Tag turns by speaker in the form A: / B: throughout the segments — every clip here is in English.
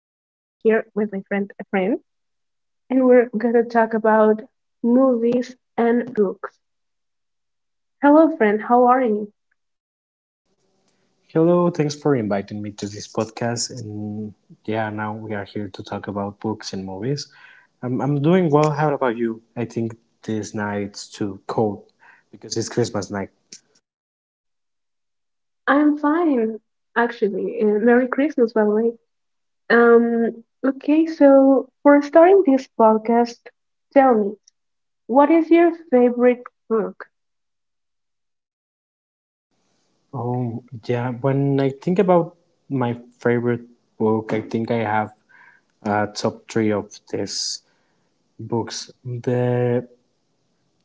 A: here with my friend and we're gonna talk about movies and books. Hello, friend. How are you?
B: Hello, thanks for inviting me to this podcast. And yeah, now we are here to talk about books and movies. I'm doing well. How about you? I think this night's too cold because it's Christmas night.
A: I'm fine, actually, and Merry Christmas, by the way. Um, okay, so for starting this podcast, tell me, what is your favorite book?
B: Oh, yeah. When I think about my favorite book, I think I have a top three of these books. The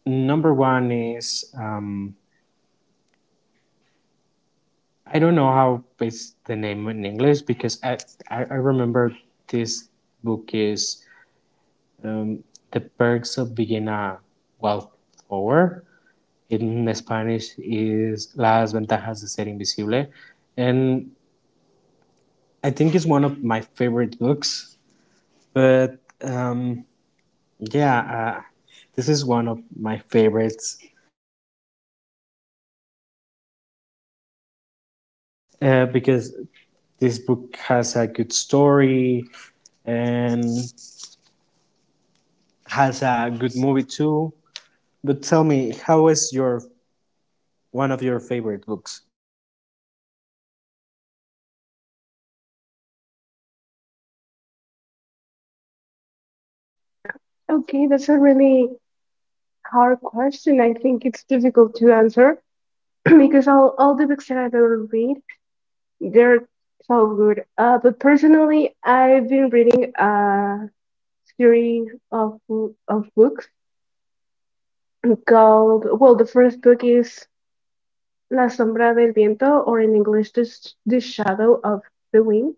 B: number one is I don't know how is the name in English because I remember this book is um, The Perks of Viena Wallflower. In Spanish is Las Ventajas de Ser Invisible. And I think it's one of my favorite books. But yeah, this is one of my favorites because this book has a good story and has a good movie too. But tell me, how is your one of your favorite books?
A: Okay, that's a really hard question. I think it's difficult to answer because all the books that I've ever read, they're so good. But personally, I've been reading a series of books called, well, the first book is La Sombra del Viento, or in English, the Shadow of the Wind,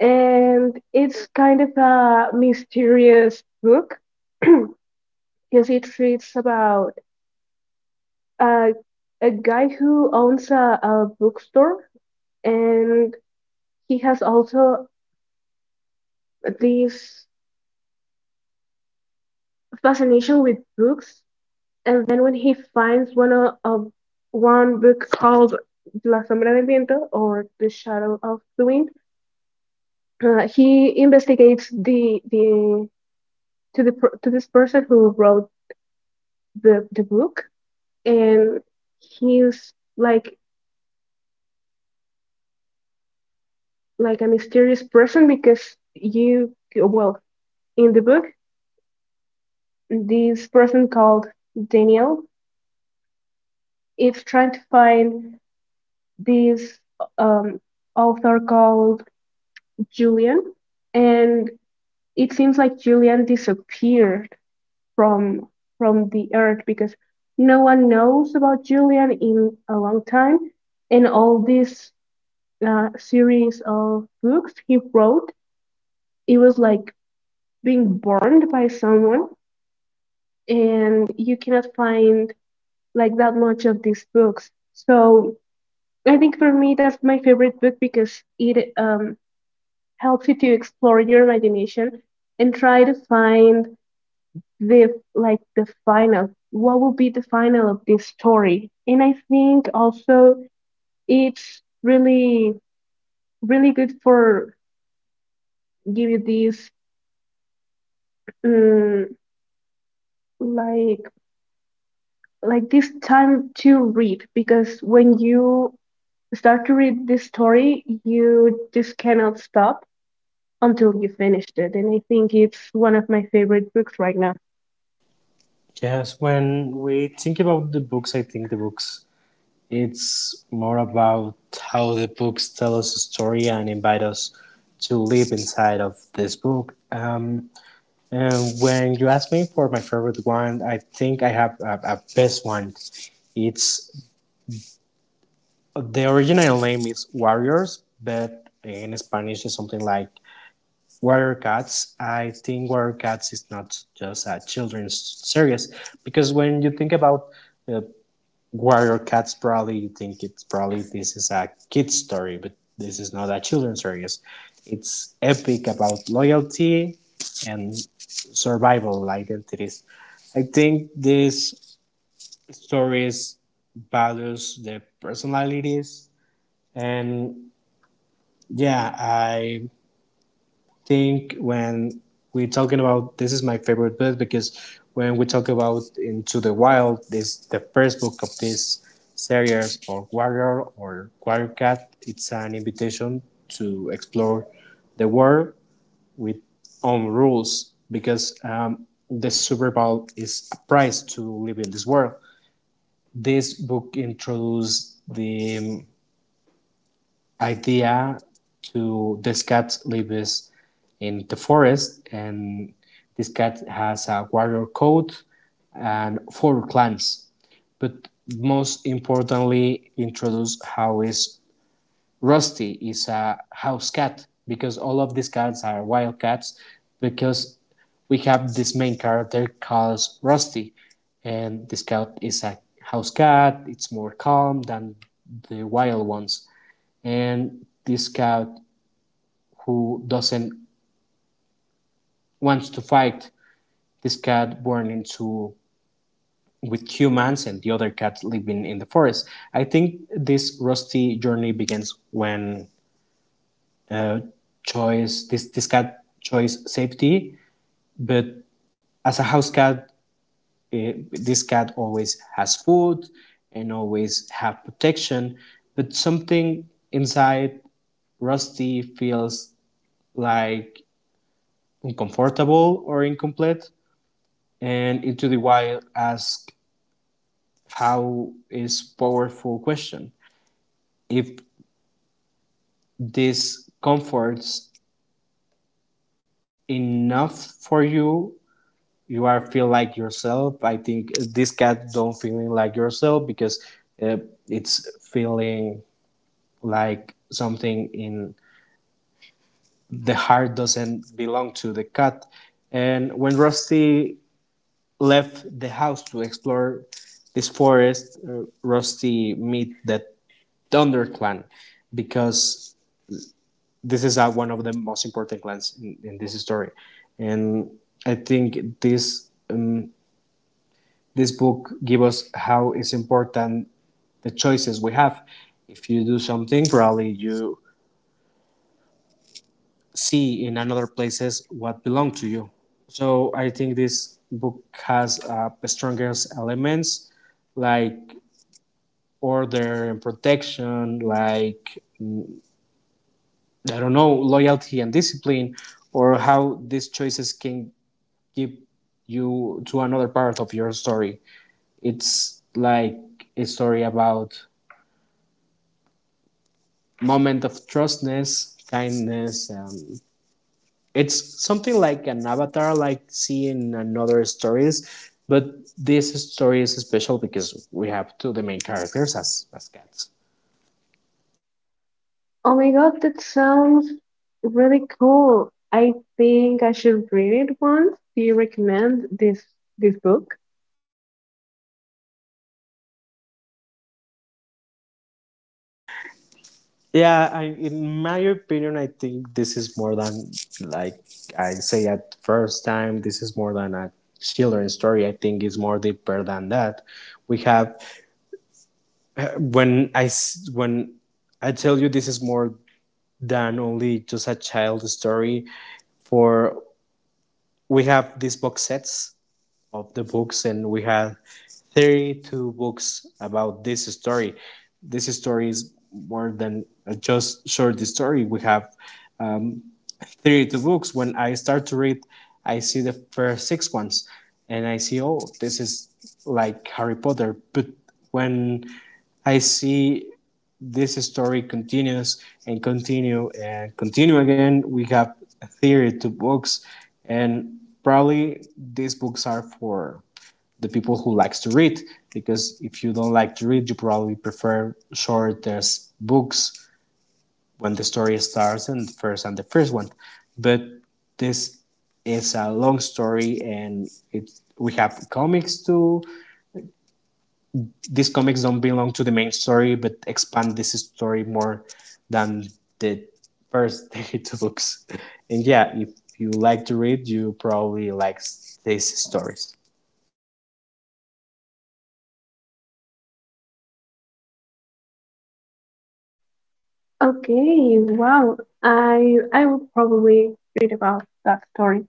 A: and it's kind of a mysterious book because it treats about a a guy who owns a bookstore, and he has also this fascination with books. And then when he finds one of one book called La Sombra del Viento or The Shadow of the Wind, he investigates the to this person who wrote the book, and he's like a mysterious person because you well in the book, this person called Daniel is trying to find this um, author called Julian, and it seems like Julian disappeared from from the earth because no one knows about Julian in a long time, and all this series of books he wrote, it was like being burned by someone, and you cannot find like that much of these books. So I think for me that's my favorite book because it helps you to explore your imagination and try to find the like the final, what will be the final of this story. And I think also it's really good for give you this um, like this time to read, because when you start to read this story you just cannot stop until you finished it, and I think it's one of my favorite books right now.
B: Yes, when we think about the books, I think the books it's more about how the books tell us a story and invite us to live inside of this book. And when you ask me for my favorite one, I think I have a best one. It's the original name is Warriors, but in Spanish it's something like Warrior Cats. I think Warrior Cats is not just a children's series because when you think about uh, Warrior Cats probably you think it's probably this is a kid's story, but this is not a children's series. It's epic about loyalty and survival identities. I think these stories values the personalities and yeah, I think when we're talking about this is my favorite book because when we talk about Into the Wild, this the first book of this series or Warrior Cat. It's an invitation to explore the world with own rules because the Super Bowl is a prize to live in this world. This book introduced the idea to this cat lives in the forest and this cat has a warrior coat and four clans but most importantly introduce how is rusty is a house cat because all of these cats are wild cats because we have this main character called rusty and this cat is a house cat. It's more calm than the wild ones and this cat who doesn't wants to fight. This cat born into with humans and the other cat living in the forest. I think this rusty journey begins when uh, choice this cat choice safety but as a house cat, this cat always has food and always have protection but something inside rusty feels like uncomfortable or incomplete. And Into the Wild asks how is powerful question. If this comforts enough for you, you are feel like yourself. I think this cat don't feeling like yourself because uh, it's feeling like something in the heart doesn't belong to the cat. And when Rusty left the house to explore this forest, Rusty meet that Thunder Clan because this is one of the most important clans in this story, and I think this book gives us how it's important the choices we have. If you do something, probably you see in another places what belong to you. So I think this book has the strongest elements like order and protection, like I don't know, loyalty and discipline, or how these choices can give you to another part of your story. It's like a story about moment of trustness, kindness. It's something like an avatar, like seeing another stories, but this story is special because we have two of the main characters as cats.
A: Oh my God, that sounds really cool. I think I should read it once. Do you recommend this book?
B: Yeah, I, in my opinion, I think this is more than like I say at first time. This is more than a children's story. I think it's more deeper than that. We have when I when I tell you this is more than only just a child story. For we have these box sets of the books, and we have 32 books about this story. This story is more than just short story. We have um, 32 books. When I start to read, I see the first six ones and I see, oh, this is like Harry Potter. But when I see this story continues and continue again, we have 32 books and probably these books are for the people who likes to read because if you don't like to read you probably prefer shorter books when the story starts and first and the first one. But this is a long story and it we have comics too. These comics don't belong to the main story but expand this story more than the first 32 books. And yeah, if you like to read, you probably like these stories.
A: Okay, wow. I will probably read about that story.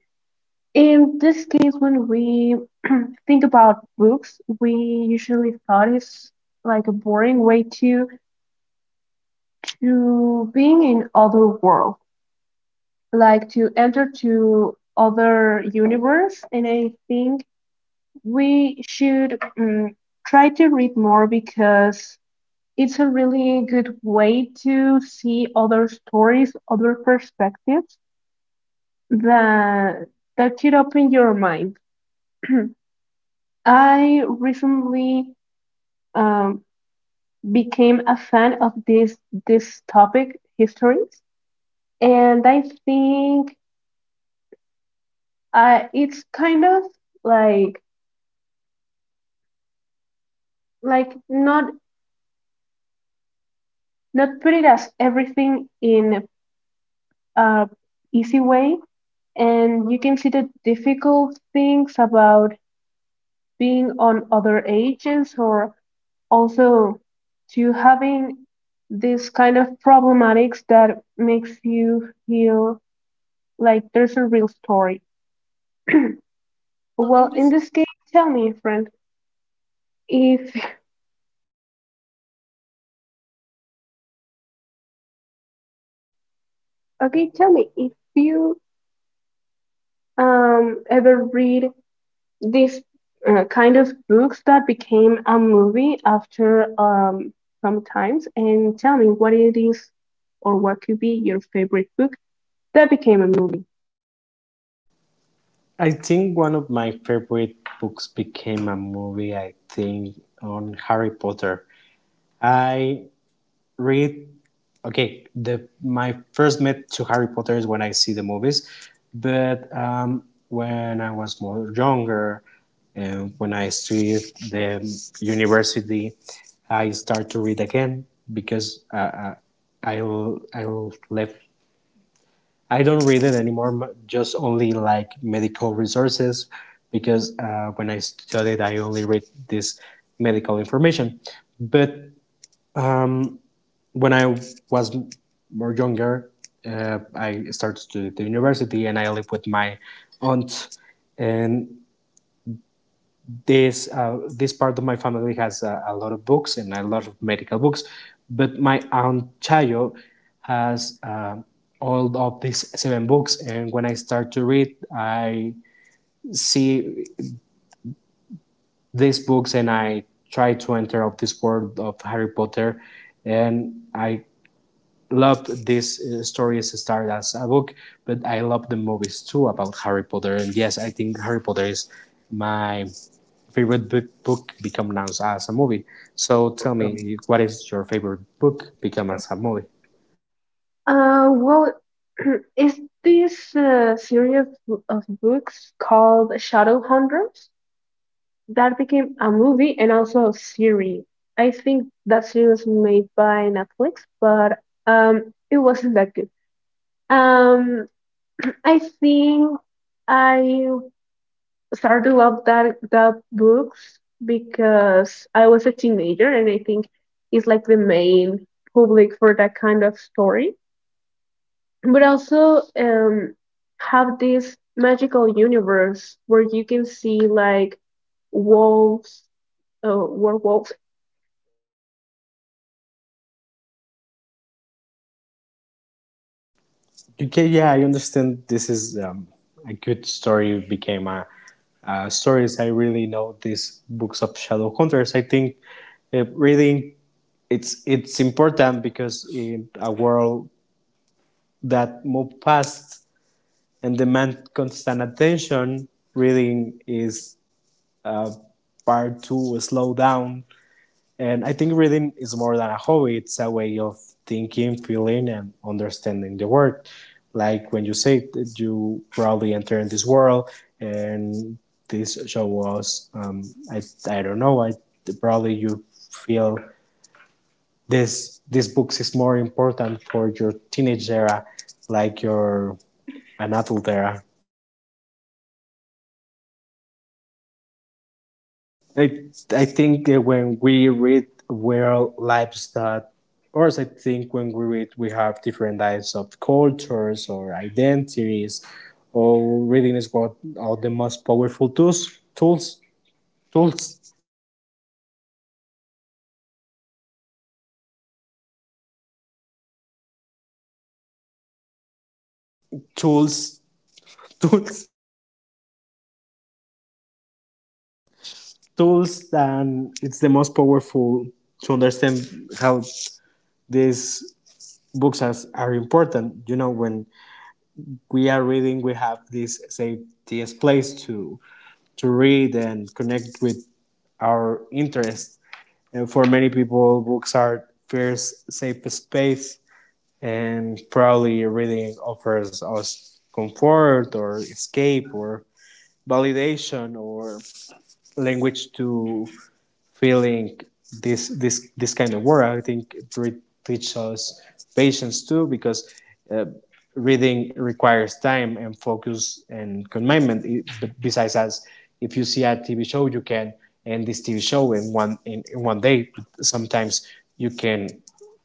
A: In this case, when we think about books, we usually thought it's like a boring way to being in other world, like to enter to other universe. And I think we should try to read more because it's a really good way to see other stories, other perspectives that that should open your mind. I recently um, became a fan of this topic, histories, and I think it's kind of like not put it as everything in a easy way, and you can see the difficult things about being on other ages or also to having this kind of problematics that makes you feel like there's a real story.
B: Well,
A: Well, in this case, tell me, friend, if okay, tell me if you ever read these kind of books that became a movie after some times. And tell me what it is or what could be your favorite book that became a movie.
B: I think one of my favorite books became a movie, I think, on Harry Potter. I read okay, the my first met to Harry Potter is when I see the movies, but when I was more younger, and when I studied the university, I start to read again because I I left. I don't read it anymore. Just only like medical resources, because when I studied, I only read this medical information. But when I was more younger, I started to the university and I lived with my aunt. And this part of my family has a lot of books and a lot of medical books, but my aunt Chayo has all of these seven books. And when I start to read, I see these books and I try to enter of this world of Harry Potter, and I love this story as started as a book, but I love the movies too about Harry Potter. And yes, I think Harry Potter is my favorite book. Book become now as a movie. So tell me, what is your favorite book become as a movie?
A: Well, is this series of books called Shadowhunters that became a movie and also a series. I think that series was made by Netflix, but it wasn't that good. Um, I think I started to love that books because I was a teenager, and I think it's like the main public for that kind of story. But also have this magical universe where you can see like wolves, werewolves.
B: Okay, yeah, I understand. This is a good story became a. Stories I really know these books of shadow hunters. I think reading it's important because in a world that move fast and demand constant attention. Reading is part to slow down. And I think reading is more than a hobby, it's a way of thinking, feeling, and understanding the world. Like when you say that you probably enter in this world, and this show was, I, I don't know, I probably you feel this this books is more important for your teenage era, like your an adult era. I, I think that when we read real lives that, or I think when we read, we have different types of cultures or identities, or reading is what are the most powerful tools, tools, tools, tools, tools, tools and it's the most powerful to understand how these books are important. You know, when we are reading, we have this safety place to read and connect with our interest. And for many people, books are first safe space, and probably reading offers us comfort or escape or validation or language to feeling this kind of work. I think it teaches us patience too, because uh, reading requires time and focus and commitment. It- But besides as if you see a TV show, you can end this TV show in in 1 day. Sometimes you can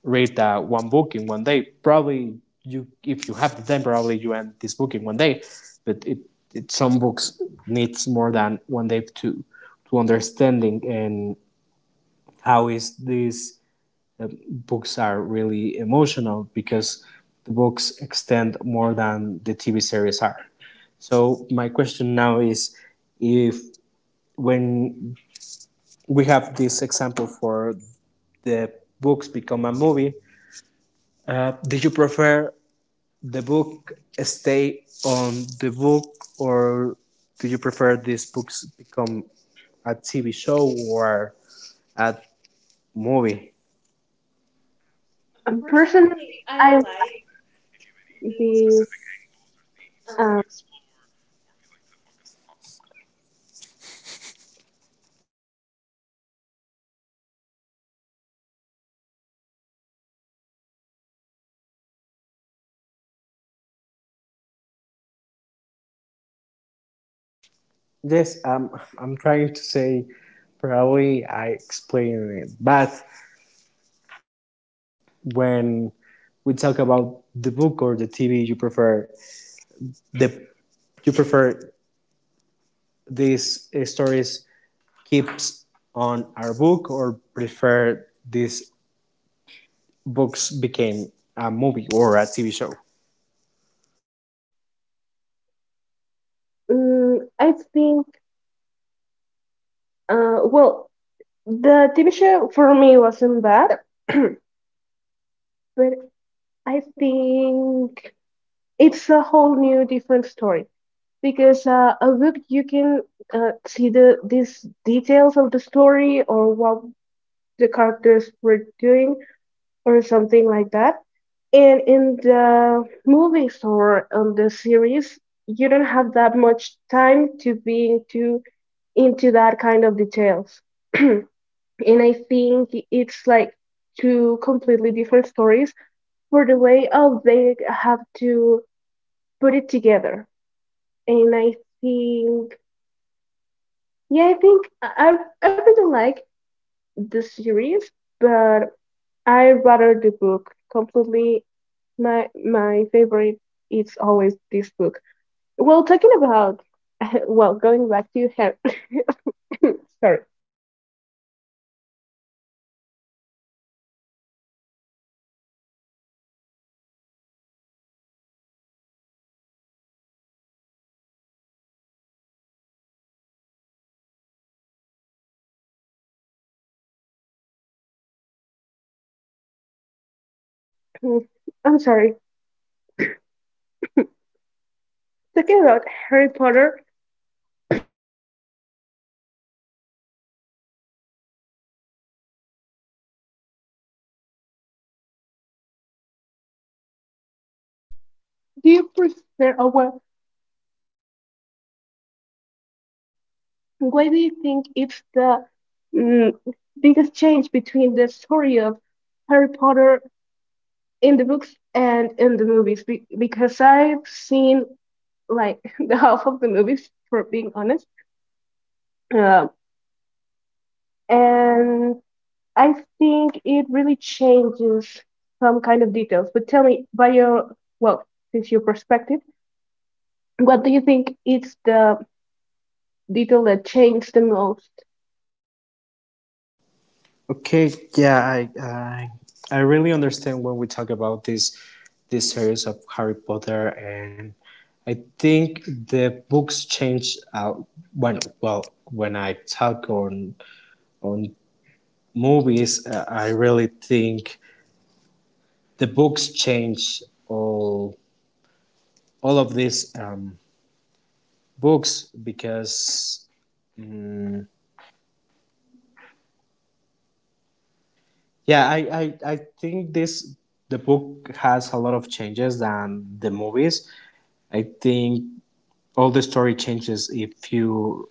B: read one book in 1 day. Probably you, if you have the time, probably you end this book in 1 day. But it some books needs more than 1 day to understanding and how is these books are really emotional because the books extend more than the TV series are. So my question now is if when we have this example for the books become a movie, did you prefer the book stay on the book or do you prefer these books become a TV show or a movie? Personally,
A: Personally,
B: I
A: I
B: like
A: like
B: these
A: these.
B: um,
A: Um,
B: yes, I'm trying to say probably I explained it, but when we talk about the book or the TV you prefer, the you prefer these stories keeps on our book or prefer these books became a movie or a TV show?
A: I think, well, the TV show for me wasn't bad, but I think it's a whole new different story, because a book you can see these details of the story or what the characters were doing or something like that, and in the movies or on the series you don't have that much time to being too into that kind of details. And I think it's like two completely different stories for the way of they have to put it together. And I think, yeah, I think I really like the series, but I rather the book completely. My favorite is always this book. Well, talking about well, going back to Harry. Sorry, I'm sorry. Talking about Harry Potter, do you prefer, or well, why do you think it's the mm, biggest change between the story of Harry Potter in the books and in the movies, because I've seen like the half of the movies for being honest, uh, and I think it really changes some kind of details. But tell me by your, well, since your perspective, what do you think is the detail that changed the most?
B: Okay, yeah, I really understand when we talk about this this series of Harry Potter, and I think the books change. When well, when I talk on movies, I really think the books change all all of these books because mm, yeah, I think this the book has a lot of changes than the movies. I think all the story changes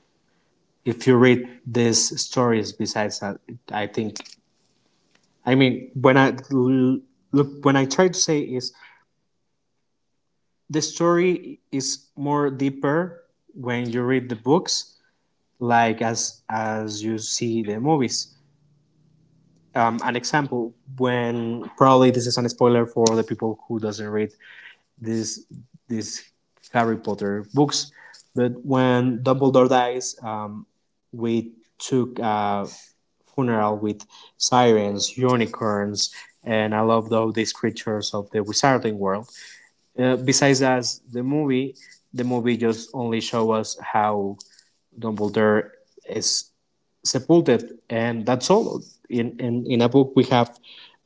B: if you read these stories. Besides that, I think I mean when I look when I try to say is the story is more deeper when you read the books like as you see the movies. An example, when, probably this is an spoiler for the people who doesn't read this these Harry Potter books, but when Dumbledore dies, we took a funeral with sirens, unicorns, and I loved all these creatures of the wizarding world. Besides as the movie just only show us how Dumbledore is sepulted, and that's all. In a book, we have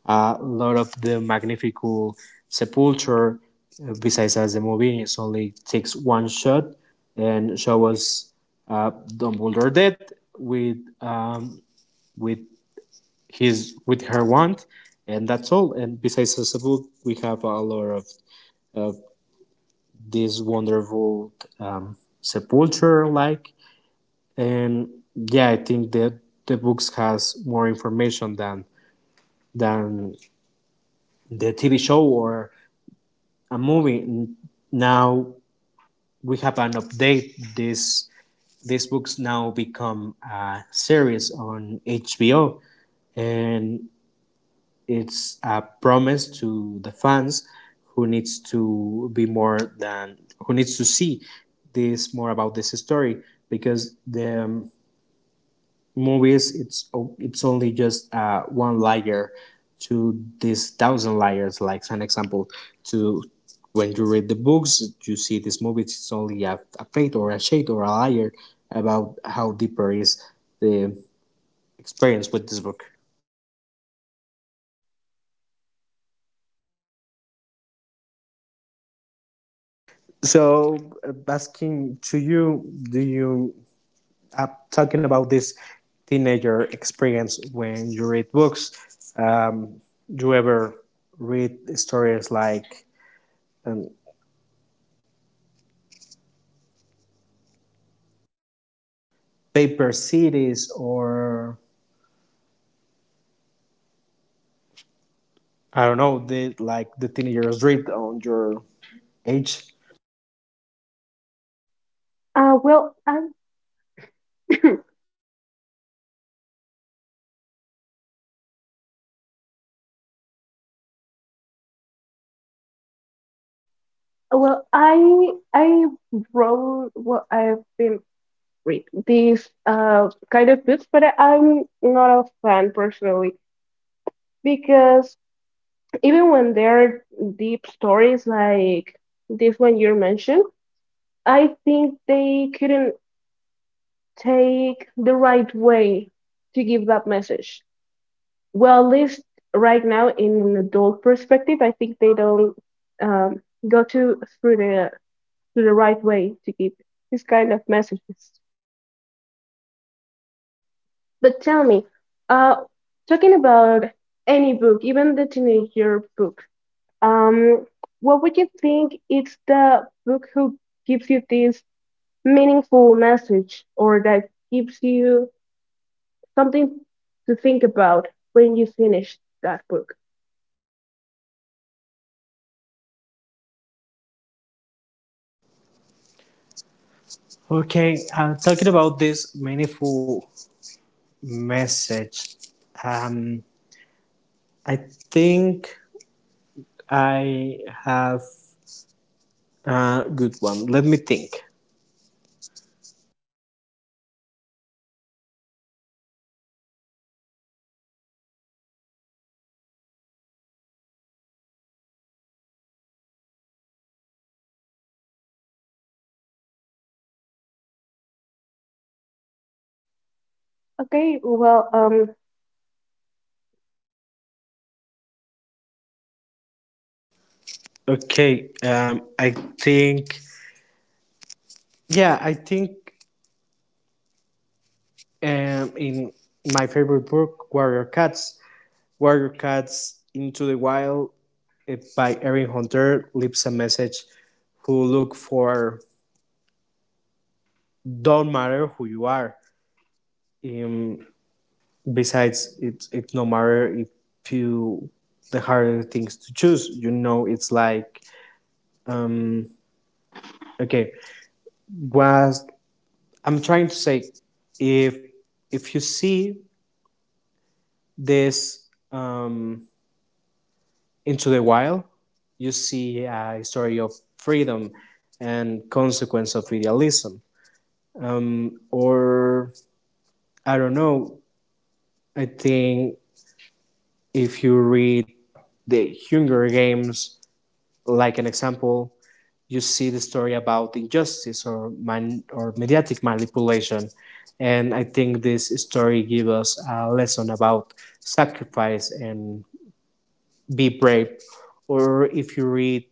B: a lot of the magnifical sepulture. Besides as the movie, it's only takes one shot and show us uh, Dumbledore dead with um, with he's with her want, and that's all. And besides Sasabuk, we have a lot of this wonderful sepulture like. And yeah, I think that the books has more information than the TV show or a movie. Now we have an update. This these books now become a series on HBO, and it's a promise to the fans who needs to be more than who needs to see this more about this story, because the movies, it's only just one layer to these thousand layers. Like an example, to when you read the books, you see these movies it's only a plate or a shade or a layer about how deeper is the experience with this book. So, asking to you, talking about this teenager experience when you read books, you ever read stories like um, Paper Cities or, I don't know, like the teenagers read on your age?
A: Well, I well I wrote, well, I've been read these kind of books, but I'm not a fan personally, because even when there are deep stories like this one you mentioned, I think they couldn't take the right way to give that message. Well, at least right now, in an adult perspective, I think they don't um, go to through the right way to give this kind of messages. But tell me, uh, talking about any book, even the teenager book, Um, what would you think it's the book who gives you this meaningful message or that gives you something to think about when you finish that book?
B: Okay, talking about this meaningful message, um, I think I have a good one. Let me think.
A: Okay, well,
B: Okay, I think, yeah, I think in my favorite book, Warrior Cats, Warrior Cats Into the Wild, by Erin Hunter, leaves a message who look for, don't matter who you are. Um, Besides, it no matter if you, the harder things to choose, you know, it's like, um, okay, was, I'm trying to say, if, if you see this Into the Wild, you see a story of freedom and consequence of idealism, or I don't know. I think if you read The Hunger Games, like an example, you see the story about injustice or man or mediatic manipulation, and I think this story gives us a lesson about sacrifice and be brave. Or if you read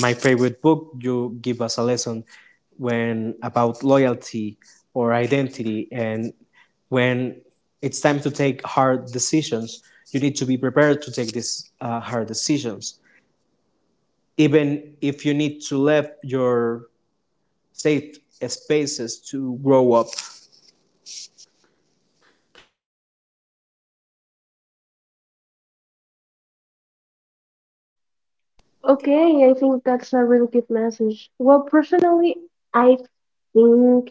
B: my favorite book, you give us a lesson when about loyalty or identity, and when it's time to take hard decisions, you need to be prepared to take these hard decisions, even if you need to leave your safe spaces to grow up. Okay.
A: okay, I think that's a really good message. Well, personally, I think,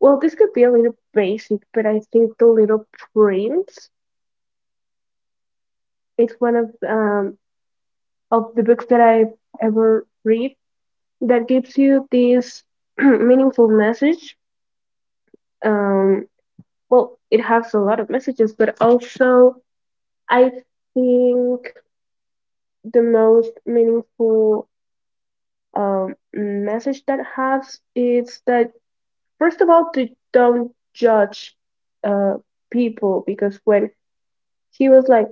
A: well, this could be a little basic, but I think The Little Prince, it's one of the books that I ever read that gives you this meaningful message. Um, well, it has a lot of messages, but also I think the most meaningful message that has is that, first of all, to don't judge uh, people, because when he was like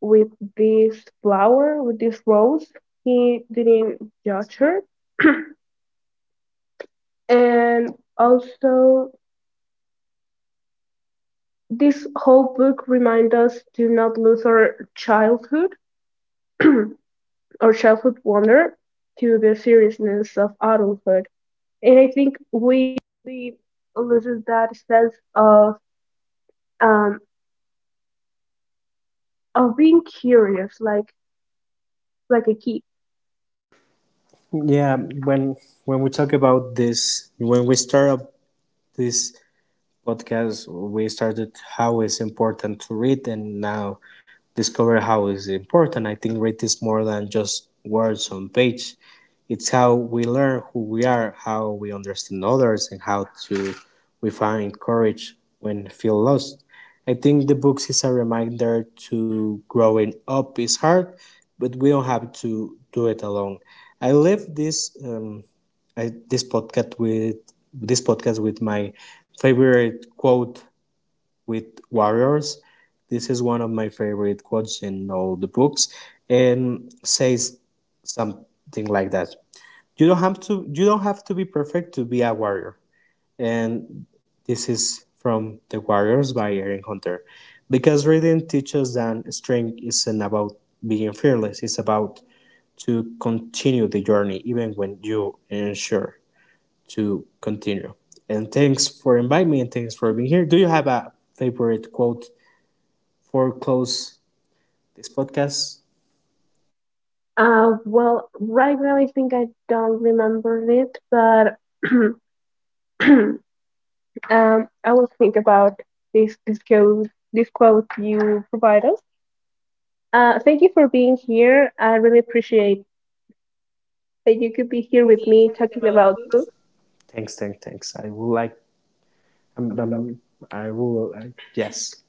A: with this flower, with this rose, he didn't judge her, and also this whole book reminds us to not lose our childhood, our childhood wonder, to the seriousness of adulthood. And I think we loses that sense um, of being curious, like a kid.
B: Yeah, when we talk about this, when we start up this podcast, we started how is important to read, and now discover how is important. I think read is more than just words on page. It's how we learn who we are, how we understand others, and how to we find courage when feel lost. I think the books is a reminder to growing up is hard, but we don't have to do it alone. I live this. This podcast with my favorite quote with warriors. This is one of my favorite quotes in all the books, and says something like that. You don't have to. You don't have to be perfect to be a warrior. And this is from The Warriors by Erin Hunter, because reading teaches that strength isn't about being fearless. It's about to continue the journey even when you are unsure to continue. And thanks for inviting me and thanks for being here. Do you have a favorite quote for close this podcast?
A: Well, right now I think I don't remember it, but um, I will think about this quote you provide us. Thank you for being here. I really appreciate that you could be here with
B: Me
A: me
B: talking
A: talking
B: about
A: about
B: books.
A: books.
B: Thanks, thanks, thanks. I will like. I'm, I'm, I will. Yes.